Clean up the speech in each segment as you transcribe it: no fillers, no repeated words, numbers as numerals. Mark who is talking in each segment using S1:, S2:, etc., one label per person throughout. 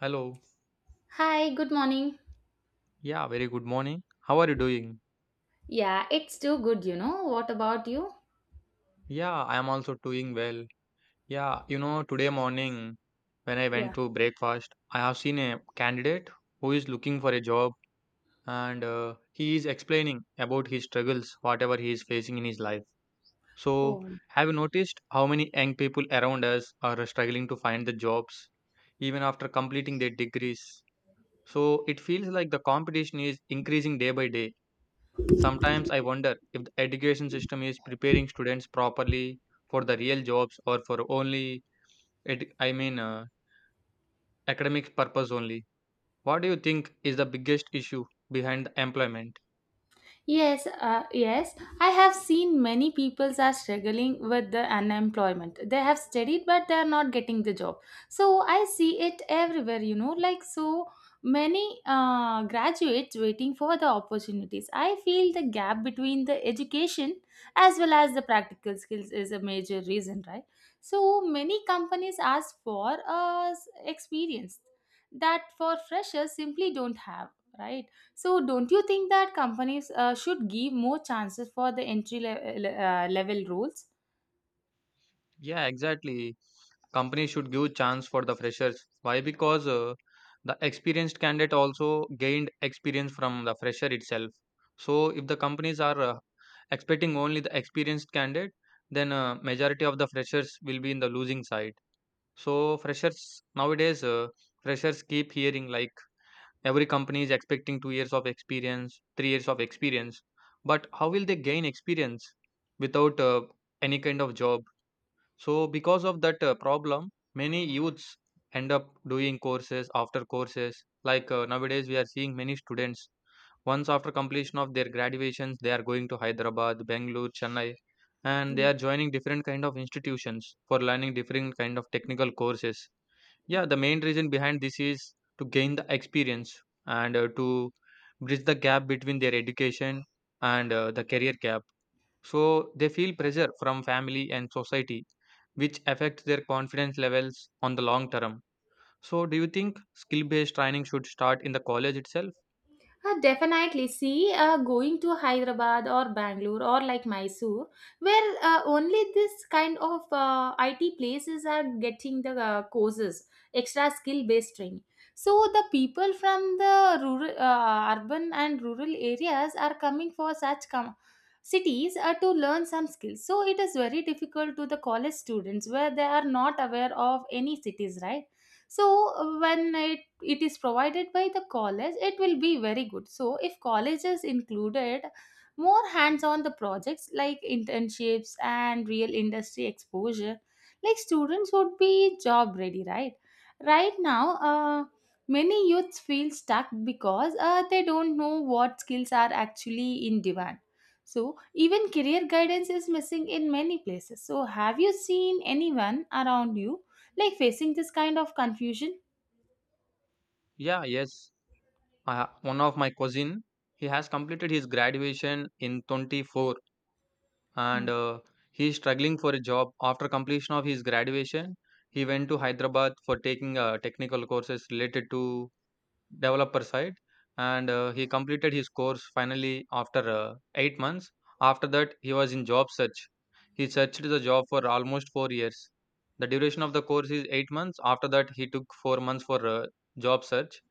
S1: Hello.
S2: Hi, good morning.
S1: Yeah, very good morning. How are you doing?
S2: Yeah, it's too good. What about you?
S1: Yeah, I am also doing well. Yeah, today morning when I went
S2: Yeah.
S1: to breakfast, I have seen a candidate who is looking for a job and he is explaining about his struggles, whatever he is facing in his life. So,
S2: Oh,
S1: have you noticed how many young people around us are struggling to find the jobs even after completing their degrees? So, it feels like the competition is increasing day by day. Sometimes I wonder if the education system is preparing students properly for the real jobs or for only, ed- I mean, uh, academic purpose only. What do you think is the biggest issue behind the employment?
S2: yes. I have seen many people are struggling with the unemployment. They have studied, but they are not getting the job. So I see it everywhere. Like so many graduates waiting for the opportunities. I feel the gap between the education as well as the practical skills is a major reason, right? So many companies ask for experience that for freshers simply don't have, right? So, don't you think that companies should give more chances for the entry level roles?
S1: Yeah, exactly. Companies should give chance for the freshers. Why? Because the experienced candidate also gained experience from the fresher itself. So if the companies are expecting only the experienced candidate, then majority of the freshers will be in the losing side. So freshers nowadays, freshers keep hearing like every company is expecting 2 years of experience, 3 years of experience. But how will they gain experience without any kind of job? So because of that problem, many youths end up doing courses after courses. Nowadays, we are seeing many students. Once after completion of their graduations, they are going to Hyderabad, Bangalore, Chennai, and they are joining different kind of institutions for learning different kind of technical courses. Yeah, the main reason behind this is to gain the experience and to bridge the gap between their education and the career gap. So they feel pressure from family and society, which affects their confidence levels on the long term. So, do you think skill based training should start in the college itself?
S2: Definitely. See, going to Hyderabad or Bangalore or like Mysore, where only this kind of IT places are getting the courses, extra skill based training. So the people from the urban and rural areas are coming for such cities to learn some skills. So it is very difficult to the college students where they are not aware of any cities, right? So when it is provided by the college, it will be very good. So if colleges included more hands on the projects like internships and real industry exposure, like students would be job ready, right? Right now, many youths feel stuck because they don't know what skills are actually in demand. So even career guidance is missing in many places. So have you seen anyone around you like facing this kind of confusion?
S1: Yeah, yes. One of my cousin, he has completed his graduation in 24
S2: Hmm.
S1: and he is struggling for a job after completion of his graduation. He went to Hyderabad for taking technical courses related to developer side, and he completed his course finally after 8 months. After that he was in job search. He searched the job for almost 4 years. The duration of the course is 8 months. After that he took 4 months for job search,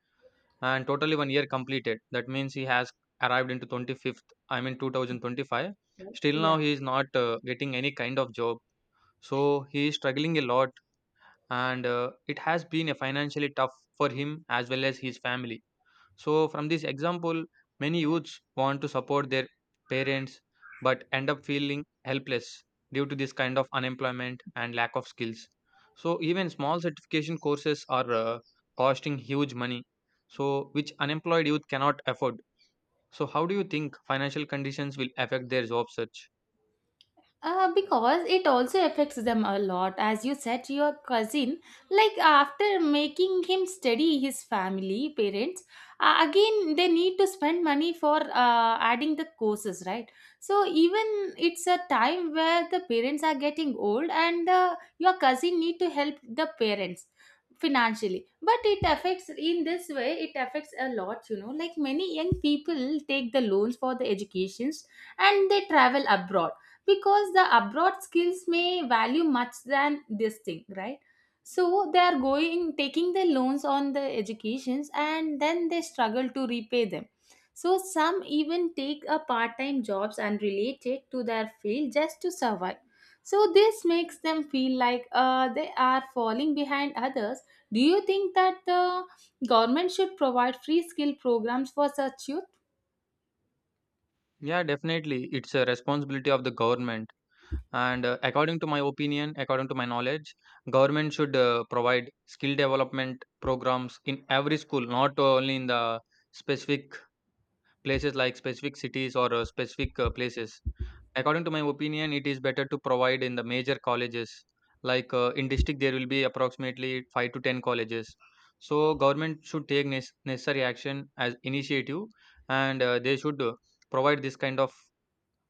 S1: and totally 1 year completed. That means he has arrived into 25th, I mean 2025. Still now
S2: Yeah.
S1: he is not getting any kind of job. So he is struggling a lot, and it has been a financially tough for him as well as his family. So, from this example, many youths want to support their parents but end up feeling helpless due to this kind of unemployment and lack of skills. So, even small certification courses are costing huge money, so which unemployed youth cannot afford. So, how do you think financial conditions will affect their job search?
S2: Because it also affects them a lot. As you said, your cousin, like after making him study, his family, parents, again they need to spend money for adding the courses, right? So even it's a time where the parents are getting old, and your cousin need to help the parents financially. But it affects in this way. It affects a lot. Like many young people take the loans for the educations, and they travel abroad, because the abroad skills may value much than this thing, right? So they are going taking the loans on the educations, and then they struggle to repay them. So some even take a part-time jobs unrelated to their field just to survive. So this makes them feel like they are falling behind others. Do you think that the government should provide free skill programs for such youth?
S1: Yeah, definitely, it's a responsibility of the government. And according to my opinion, according to my knowledge, government should provide skill development programs in every school, not only in the specific places like specific cities or specific places. According to my opinion, it is better to provide in the major colleges. In district, there will be approximately 5 to 10 colleges. So government should take necessary action as initiative, and they should provide this kind of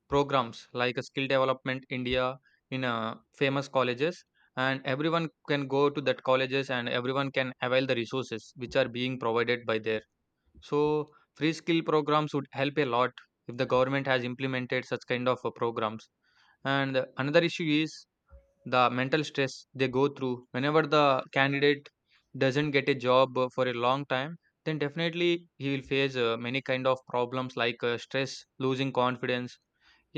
S1: programs like a skill development India in famous colleges, and everyone can go to that colleges and everyone can avail the resources which are being provided by there. So free skill programs would help a lot if the government has implemented such kind of programs. And another issue is the mental stress they go through whenever the candidate doesn't get a job for a long time. Then definitely he will face many kind of problems like stress, losing confidence.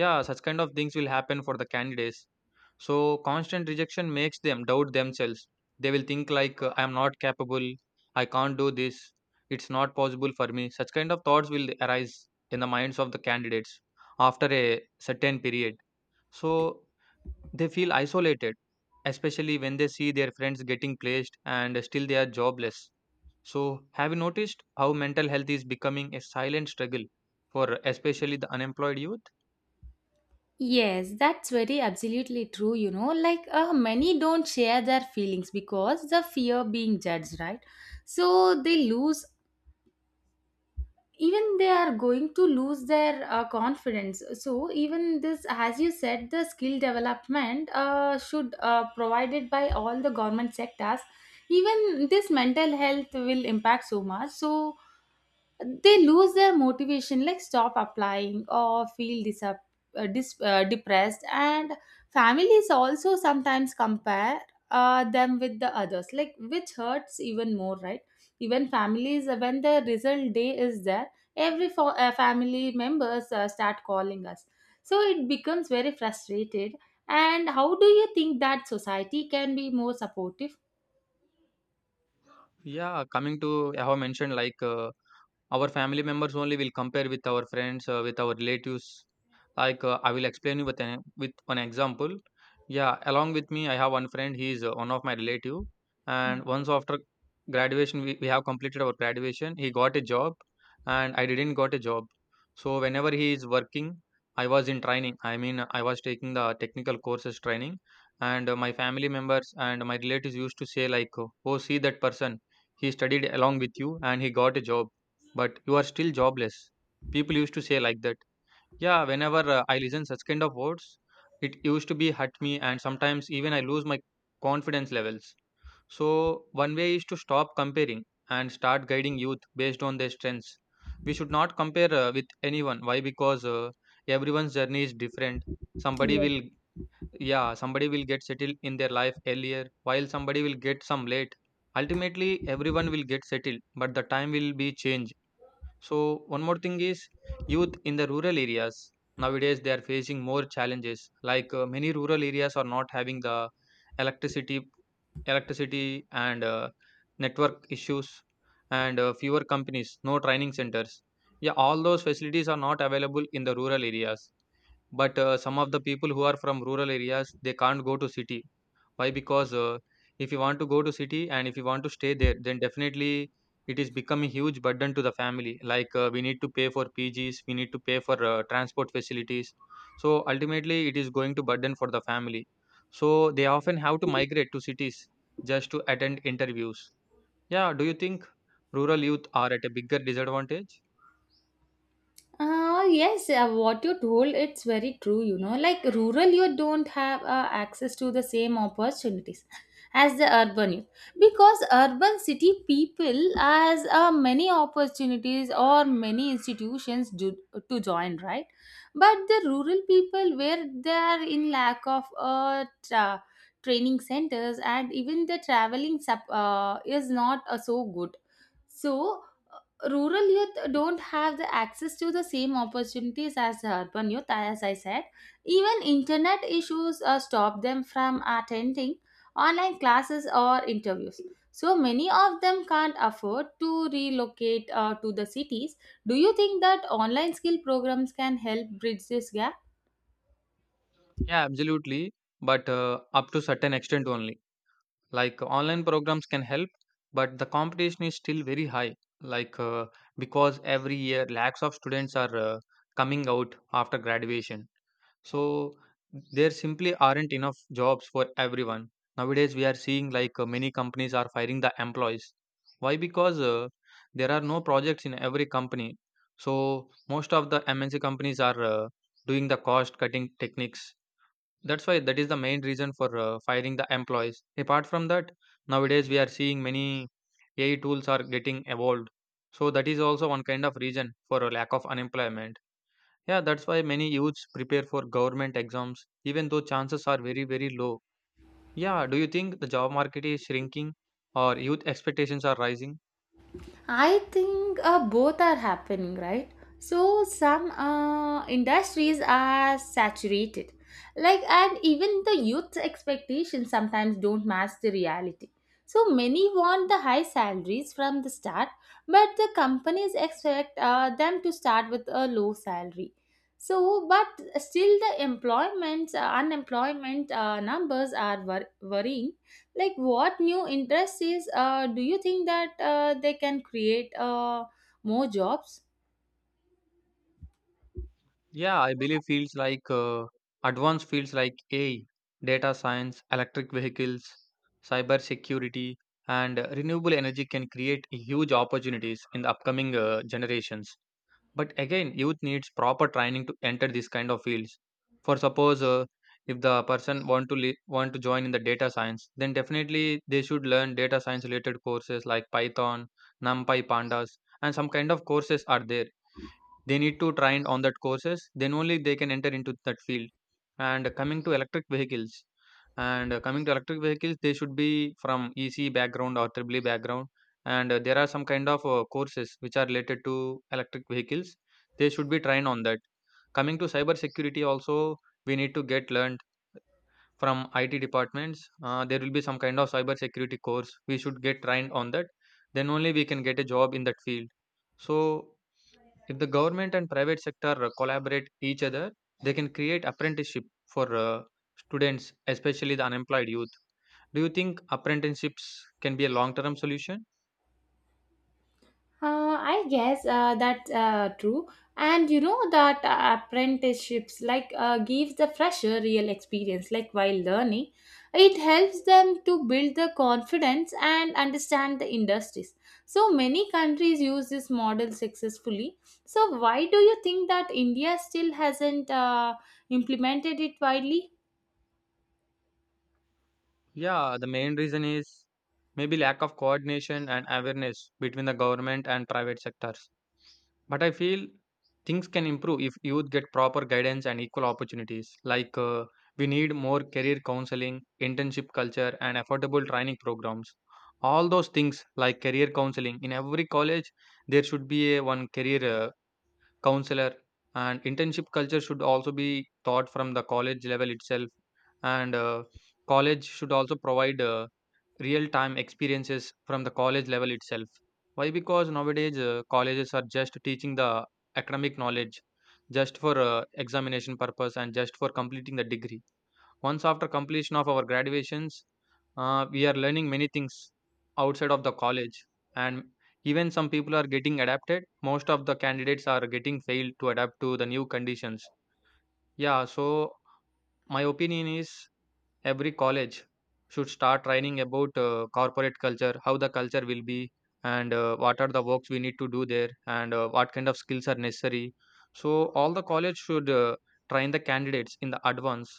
S1: Yeah, such kind of things will happen for the candidates. So constant rejection makes them doubt themselves. They will think like I am not capable, I can't do this, it's not possible for me. Such kind of thoughts will arise in the minds of the candidates after a certain period. So they feel isolated, especially when they see their friends getting placed and still they are jobless. So, have you noticed how mental health is becoming a silent struggle for especially the unemployed youth?
S2: Yes, that's very absolutely true. Like many don't share their feelings because the fear being judged, right? So they lose, even they are going to lose their confidence. So even this, as you said, the skill development should provided by all the government sectors. Even this mental health will impact so much. So they lose their motivation, like stop applying or feel depressed, and families also sometimes compare them with the others, like which hurts even more, right? Even families, when the result day is there, every family members start calling us. So it becomes very frustrated. And how do you think that society can be more supportive?
S1: Yeah, coming to I have mentioned like our family members only will compare with our friends, with our relatives. I will explain you with an with one example. Yeah, along with me, I have one friend. He is one of my relative, and once after graduation, we have completed our graduation. He got a job, and I didn't got a job. So whenever he is working, I was in training. I mean, I was taking the technical courses training, and my family members and my relatives used to say like, "Oh, see that person. He studied along with you, and he got a job." But you are still jobless. People used to say like that. Yeah, whenever I listen such kind of words, it used to be hurt me, and sometimes even I lose my confidence levels. So one way is to stop comparing and start guiding youth based on their strengths. We should not compare with anyone. Why? Because everyone's journey is different. Somebody
S2: Yes.
S1: will, yeah, somebody will get settled in their life earlier, while somebody will get some late. Ultimately, everyone will get settled, but the time will be changed. So one more thing is youth in the rural areas nowadays they are facing more challenges. Many rural areas are not having the electricity electricity and network issues and fewer companies, no training centers. Yeah, all those facilities are not available in the rural areas. But some of the people who are from rural areas they can't go to city. Why? Because if you want to go to city and if you want to stay there, then definitely it is becoming huge burden to the family. We need to pay for PGs, we need to pay for transport facilities. So ultimately, it is going to burden for the family. So they often have to migrate to cities just to attend interviews. Yeah, do you think rural youth are at a bigger disadvantage?
S2: Yes, what you told, it's very true. Like rural youth don't have access to the same opportunities as the urban youth, because urban city people has many opportunities or many institutions do, to join, right? But the rural people where they are in lack of training centers, and even the traveling is not so good. So rural youth don't have the access to the same opportunities as the urban youth, as I said. Even internet issues stop them from attending online classes or interviews. So many of them can't afford to relocate to the cities. Do you think that online skill programs can help bridge this gap?
S1: Yeah, absolutely, but up to certain extent only. Like online programs can help, but the competition is still very high. like uh, because every year lakhs of students are coming out after graduation, so there simply aren't enough jobs for everyone. Nowadays we are seeing like many companies are firing the employees. Why? Because there are no projects in every company. So most of the MNC companies are doing the cost cutting techniques. That's why, that is the main reason for firing the employees. Apart from that, nowadays we are seeing many AI tools are getting evolved. So that is also one kind of reason for a lack of unemployment. Yeah, that's why many youths prepare for government exams even though chances are very very low. Yeah, do you think the job market is shrinking or youth expectations are rising?
S2: I think both are happening, right? So some industries are saturated, like, and even the youth's expectations sometimes don't match the reality. So many want the high salaries from the start, but the companies expect them to start with a low salary. So, but still the employment unemployment numbers are worrying. Like what new interests is do you think that they can create more jobs?
S1: Yeah, I believe fields like advanced fields like AI, data science, electric vehicles, cyber security, and renewable energy can create huge opportunities in the upcoming generations. But again, youth needs proper training to enter these kind of fields. For suppose if the person want to join in the data science, then definitely they should learn data science related courses like Python, NumPy, Pandas, and some kind of courses are there. They need to train on that courses, then only they can enter into that field. And coming to electric vehicles, and coming to electric vehicles, they should be from EC background or AAA background. And there are some kind of courses which are related to electric vehicles. They should be trained on that. Coming to cyber security, also we need to get learned from IT departments. There will be some kind of cyber security course. We should get trained on that. Then only we can get a job in that field. So if the government and private sector collaborate each other, they can create apprenticeship for students, especially the unemployed youth. Do you think apprenticeships can be a long-term solution?
S2: I guess that's true. And you know that apprenticeships like gives the fresher real experience. Like while learning, it helps them to build the confidence and understand the industries. So many countries use this model successfully. So why do you think that India still hasn't implemented it widely?
S1: Yeah, the main reason is maybe lack of coordination and awareness between the government and private sectors. But I feel things can improve if youth get proper guidance and equal opportunities. We need more career counseling, internship culture, and affordable training programs. All those things like career counseling in every college, there should be a one career counselor, and internship culture should also be taught from the college level itself, and college should also provide real time experiences from the college level itself. Why? Because nowadays colleges are just teaching the academic knowledge just for examination purpose and just for completing the degree. Once after completion of our graduations, we are learning many things outside of the college, and even some people are getting adapted. Most of the candidates are getting failed to adapt to the new conditions. Yeah, so my opinion is every college should start training about corporate culture, how the culture will be, and what are the works we need to do there, and what kind of skills are necessary. So all the college should train the candidates in the advance.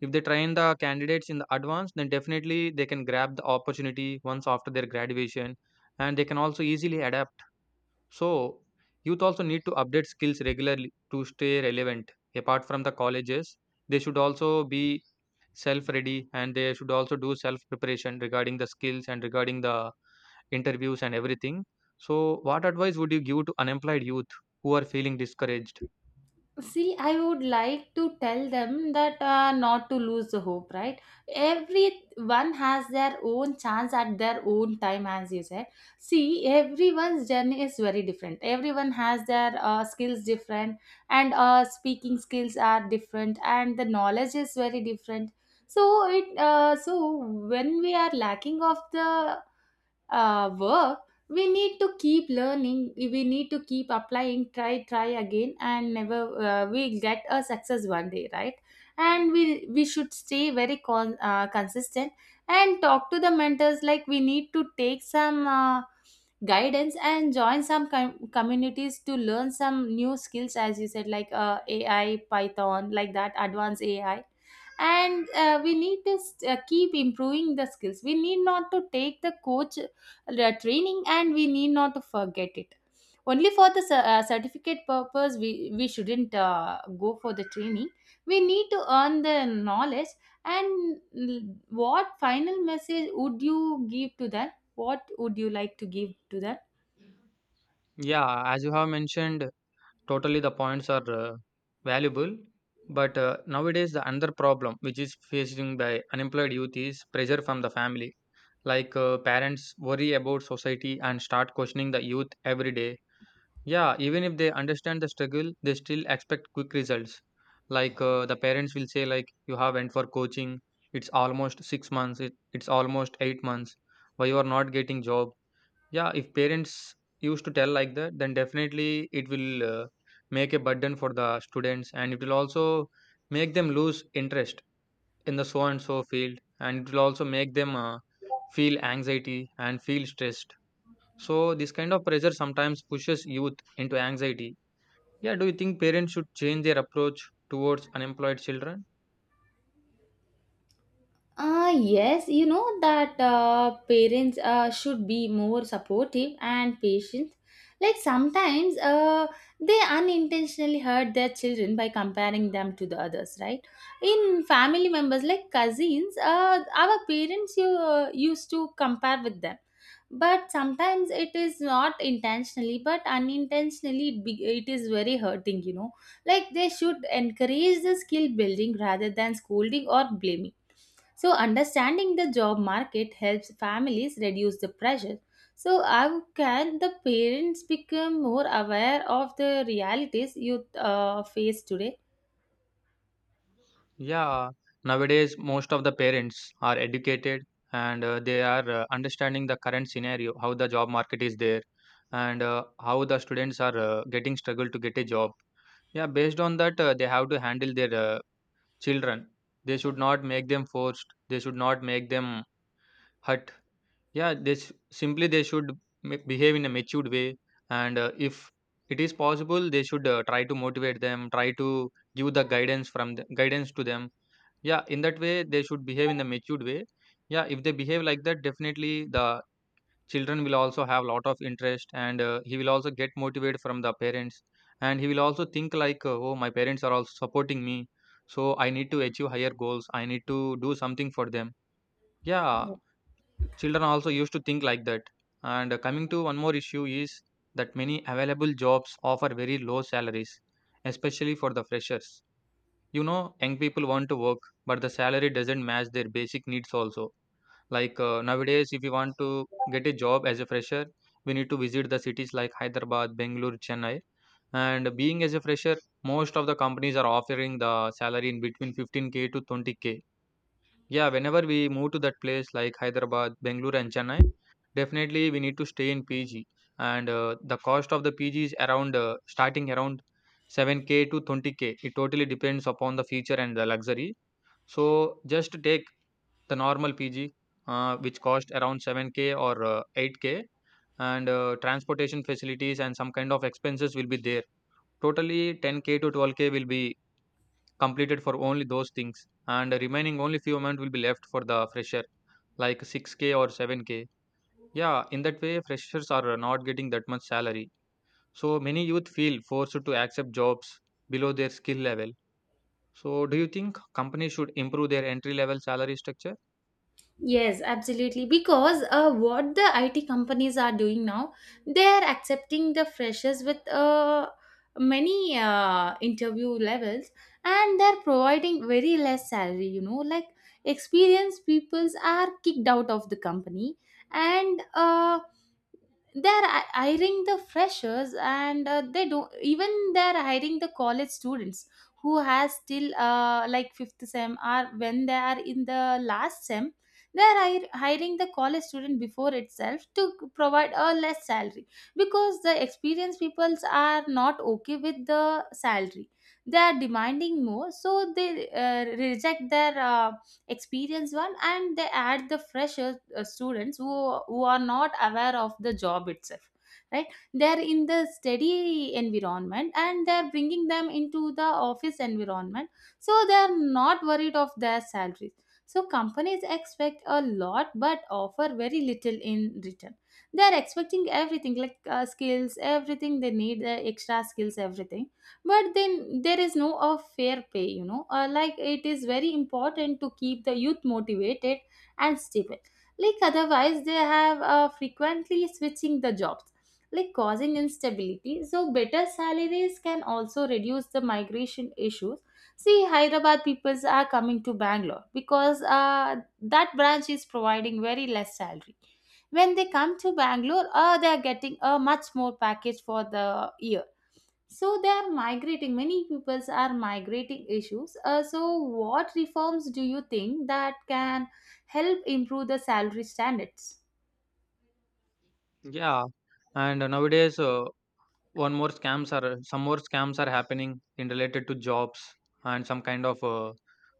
S1: If they train the candidates in the advance, then definitely they can grab the opportunity once after their graduation, and they can also easily adapt. So, youth also need to update skills regularly to stay relevant. Apart from the colleges, they should also be self ready, and they should also do self preparation regarding the skills and regarding the interviews and everything. So, what advice would you give to unemployed youth who are feeling discouraged?
S2: See, I would like to tell them that not to lose the hope, right? Everyone has their own chance at their own time, as you said. See, everyone's journey is very different. Everyone has their skills different, and speaking skills are different, and the knowledge is very different. So when we are lacking of the work, we need to keep learning, we need to keep applying, try again, and never we get a success one day, right? And we should stay very consistent, and talk to the mentors, like we need to take some guidance and join some communities to learn some new skills, as you said, like AI, Python, like that advanced AI. And we need to keep improving the skills. We need not to take the coach training, and we need not to forget it only for the certificate purpose. We shouldn't go for the training. We need to earn the knowledge. And what final message would you give to them? What would you like to give to that?
S1: Yeah, as you have mentioned, totally, the points are valuable. But nowadays, the another problem which is facing by unemployed youth is pressure from the family. Like parents worry about society and start questioning the youth every day. Yeah, even if they understand the struggle, they still expect quick results. Like the parents will say, like, you have went for coaching, it's almost 6 months, it's almost 8 months. Why you are not getting job? Yeah, if parents used to tell like that, then definitely it will make a burden for the students, and it will also make them lose interest in the so and so field, and it will also make them feel anxiety and feel stressed. So, this kind of pressure sometimes pushes youth into anxiety. Yeah, do you think parents should change their approach towards unemployed children?
S2: Yes, you know that parents should be more supportive and patient. Like sometimes they unintentionally hurt their children by comparing them to the others, right? In family members like cousins, our parents used to compare with them. But sometimes it is not intentionally, but unintentionally it is very hurting. Like they should encourage the skill building rather than scolding or blaming. So, understanding the job market helps families reduce the pressure. So, how can the parents become more aware of the realities youth face today?
S1: Yeah, nowadays most of the parents are educated, and they are understanding the current scenario, how the job market is there, and how the students are getting struggle to get a job. Yeah, based on that, they have to handle their children. They should not make them forced. They should not make them hurt. Yeah, they sh simply they should behave in a matured way, and if it is possible, they should try to motivate them, try to give the guidance from the, guidance to them. Yeah, in that way, they should behave in a matured way. Yeah, if they behave like that, definitely the children will also have a lot of interest, and he will also get motivated from the parents. And he will also think like, oh, my parents are also supporting me. So I need to achieve higher goals. I need to do something for them. Yeah, children also used to think like that. And coming to one more issue is that many available jobs offer very low salaries, especially for the freshers. Young people want to work, but the salary doesn't match their basic needs also. Like nowadays, if you want to get a job as a fresher, we need to visit the cities like Hyderabad, Bangalore, Chennai. And being as a fresher, most of the companies are offering the salary in between 15k to 20k. Yeah, whenever we move to that place like Hyderabad, Bangalore, and Chennai, definitely we need to stay in PG. And the cost of the PG is around starting around 7k to 20k. It totally depends upon the feature and the luxury. So just take the normal PG, which cost around 7k or 8k, and transportation facilities and some kind of expenses will be there. Totally 10k to 12k will be completed for only those things, and remaining only few amount will be left for the fresher like 6k or 7k. Yeah, in that way freshers are not getting that much salary. So many youth feel forced to accept jobs below their skill level. So do you think companies should improve their entry level salary structure?
S2: Yes, absolutely. Because what the IT companies are doing now, they are accepting the freshers with many interview levels, and they're providing very less salary. You know, like experienced peoples are kicked out of the company, and they're hiring the freshers, and they don't even they're hiring the college students who has still like fifth sem or when they are in the last sem. They are hiring the college student before itself to provide a less salary, because the experienced peoples are not okay with the salary. They are demanding more, so they reject their experienced one, and they add the fresher students who are not aware of the job itself, right? They're in the steady environment and they're bringing them into the office environment. So they're not worried of their salary. So companies expect a lot but offer very little in return. They are expecting everything like skills, everything they need, extra skills, everything. But then there is no a fair pay. Like it is very important to keep the youth motivated and stable. Like otherwise, they have frequently switching the jobs, like causing instability, so better salaries can also reduce the migration issue. See, Hyderabad peoples are coming to Bangalore because that branch is providing very less salary. When they come to Bangalore, they are getting a much more package for the year. So they are migrating. Many peoples are migrating issues. So what reforms do you think that can help improve the salary standards?
S1: Yeah, and nowadays one more scams are some more scams are happening in related to jobs and some kind of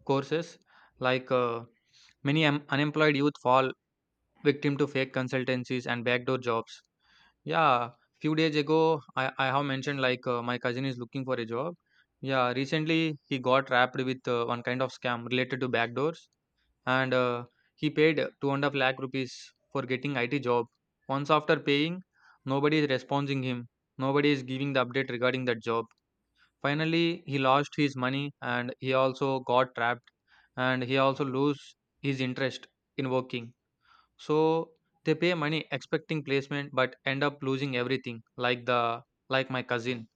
S1: courses. Like many unemployed youth fall victim to fake consultancies and backdoor jobs. Yeah, few days ago I have mentioned like my cousin is looking for a job. Yeah, recently he got wrapped with one kind of scam related to backdoors. And he paid 2.5 lakh rupees for getting it job. Once after paying, nobody is responding him. Nobody is giving the update regarding that job. Finally he lost his money, and he also got trapped, and he also lose his interest in working. So they pay money expecting placement but end up losing everything, like the like my cousin.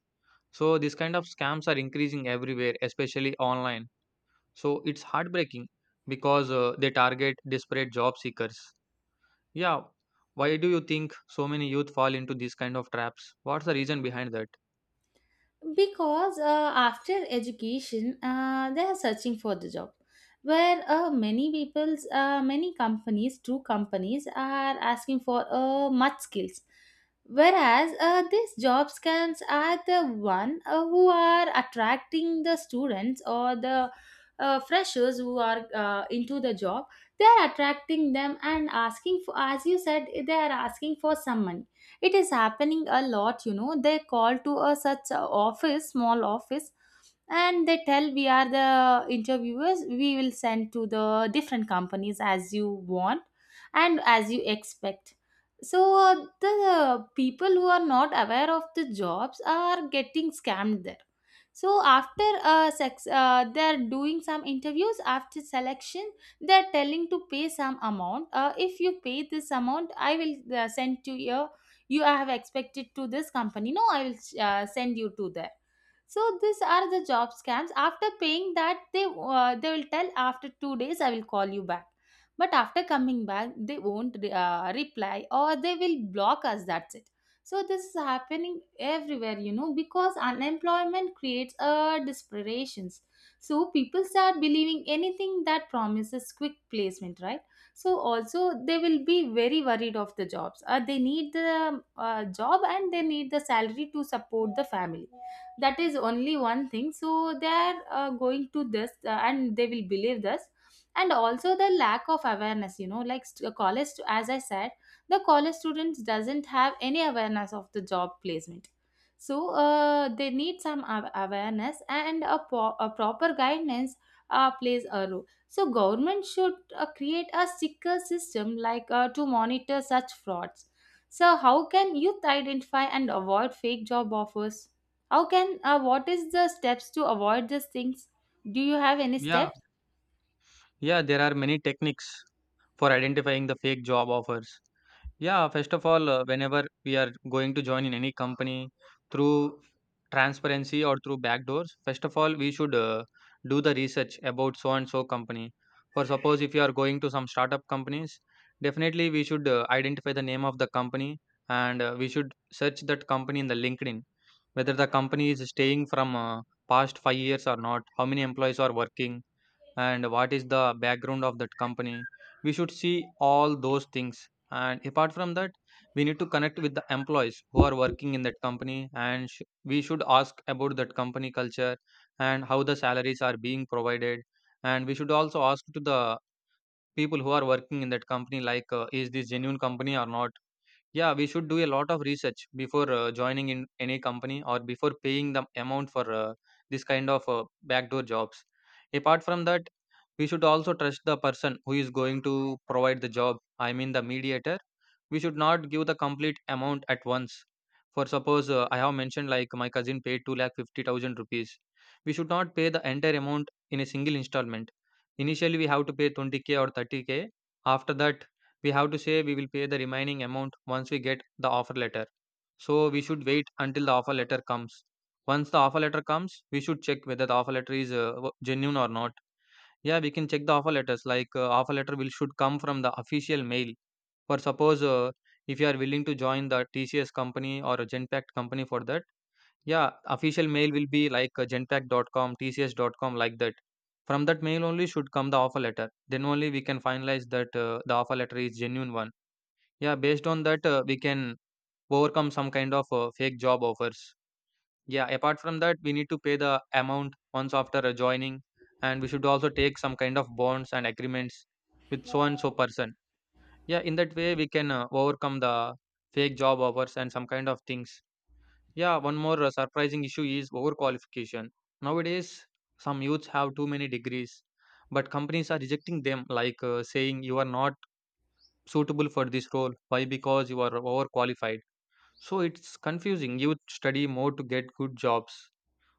S1: So these kind of scams are increasing everywhere, especially online. So it's heartbreaking because they target desperate job seekers. Yeah, why do you think so many youth fall into these kind of traps? What's the reason behind that?
S2: Because after education they are searching for the job, where many people's many companies two companies are asking for much skills, whereas these job scans are the one who are attracting the students or the freshers who are into the job. They are attracting them and asking for, as you said, they are asking for some money. It is happening a lot. They call to a such a office, small office, and they tell we are the interviewers, we will send to the different companies as you want and as you expect. So the people who are not aware of the jobs are getting scammed there. So after sex, they are doing some interviews after selection. They are telling to pay some amount. If you pay this amount, I will send to your, you have expected to this company. No, I will send you to there. So these are the job scams. After paying that, they will tell, after 2 days I will call you back. But after coming back, they won't reply or they will block us, that's it. So this is happening everywhere, because unemployment creates a desperation. So people start believing anything that promises quick placement, right? So also they will be very worried of the jobs. They need the job and they need the salary to support the family. That is only one thing. So they are going to this and they will believe this. And also the lack of awareness, like college, as I said, the college students doesn't have any awareness of the job placement. So they need some awareness, and a proper guidance plays a role. So government should create a sicker system, like to monitor such frauds. So how can youth identify and avoid fake job offers? How can what is the steps to avoid these things? Do you have any
S1: Yeah,
S2: steps?
S1: yeah, there are many techniques for identifying the fake job offers. Yeah, first of all, whenever we are going to join in any company through transparency or through back doors, first of all, we should do the research about so and so company. For suppose if you are going to some startup companies, definitely we should identify the name of the company, and we should search that company in the LinkedIn, whether the company is staying from past 5 years or not, how many employees are working, and what is the background of that company. We should see all those things. And apart from that, we need to connect with the employees who are working in that company, and we should ask about that company culture and how the salaries are being provided. And we should also ask to the people who are working in that company like is this genuine company or not. Yeah, we should do a lot of research before joining in any company or before paying the amount for this kind of backdoor jobs. Apart from that, we should also trust the person who is going to provide the job. I mean, the mediator. We should not give the complete amount at once. For suppose I have mentioned like my cousin paid 2 lakh 50 thousand rupees. We should not pay the entire amount in a single installment. Initially we have to pay 20k or 30k. After that, we have to say we will pay the remaining amount once we get the offer letter. So we should wait until the offer letter comes. Once the offer letter comes, we should check whether the offer letter is genuine or not. Yeah, we can check the offer letters like offer letter will should come from the official mail. For suppose, if you are willing to join the TCS company or a Genpact company for that, yeah, official mail will be like genpact.com, TCS.com, like that. From that mail only should come the offer letter. Then only we can finalize that the offer letter is genuine one. Yeah, based on that, we can overcome some kind of fake job offers. Yeah, apart from that, we need to pay the amount once after joining, and we should also take some kind of bonds and agreements with so and so person. Yeah, in that way we can overcome the fake job offers and some kind of things. Yeah, one more surprising issue is overqualification. Nowadays, some youths have too many degrees, but companies are rejecting them, like saying you are not suitable for this role. Why? Because you are overqualified. So it's confusing. Youth study more to get good jobs,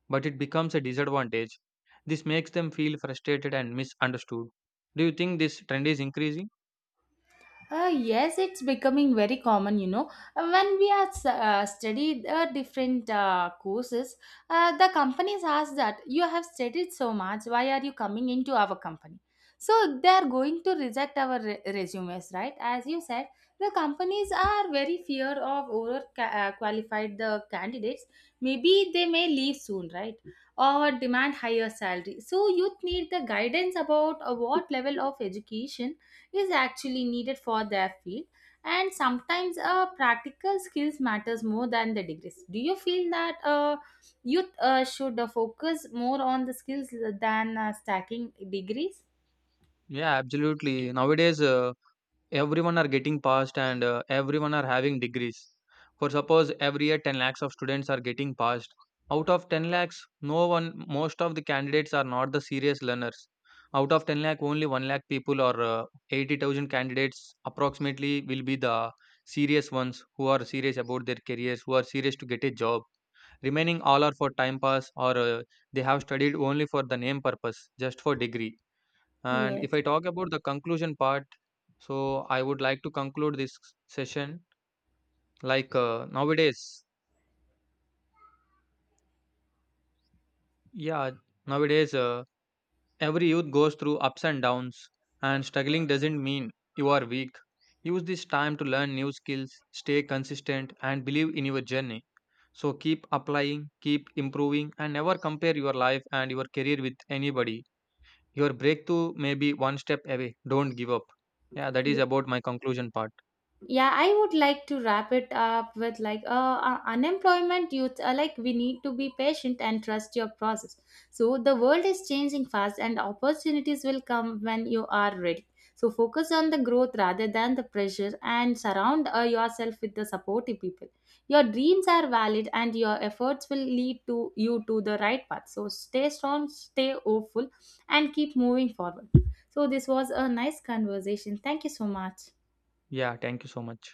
S1: but it becomes a disadvantage. This makes them feel frustrated and misunderstood. Do you think this trend is increasing?
S2: Yes, it's becoming very common. When we are studied different courses, the companies ask that you have studied so much, why are you coming into our company? So they are going to reject our resumes, right? As you said, the companies are very fear of over qualified the candidates. Maybe they may leave soon, right? Or demand higher salary. So youth need the guidance about what level of education is actually needed for their field, and sometimes practical skills matters more than the degrees. Do you feel that youth should focus more on the skills than stacking degrees?
S1: Yeah, absolutely. Nowadays, everyone are getting passed, and everyone are having degrees. For suppose every year 10 lakhs of students are getting passed out of 10 lakhs. No one Most of the candidates are not the serious learners. Out of 10 lakh only 1 lakh people or 80,000 candidates approximately will be the serious ones who are serious about their careers, who are serious to get a job. Remaining all are for time pass, or they have studied only for the name purpose, just for degree. And
S2: Yes.
S1: if I talk about the conclusion part, so I would like to conclude this session. Like yeah, nowadays every youth goes through ups and downs, and struggling doesn't mean you are weak. Use this time to learn new skills, stay consistent, and believe in your journey. So keep applying, keep improving, and never compare your life and your career with anybody. Your breakthrough may be one step away. Don't give up. Yeah, that is about my conclusion part.
S2: Yeah, I would like to wrap it up with, like unemployment youth are like we need to be patient and trust your process. So the world is changing fast and opportunities will come when you are ready. So focus on the growth rather than the pressure, and surround yourself with the supportive people. Your dreams are valid, and your efforts will lead to you to the right path. So stay strong, stay hopeful, and keep moving forward. So this was a nice conversation. Thank you so much.
S1: Yeah, thank you so much.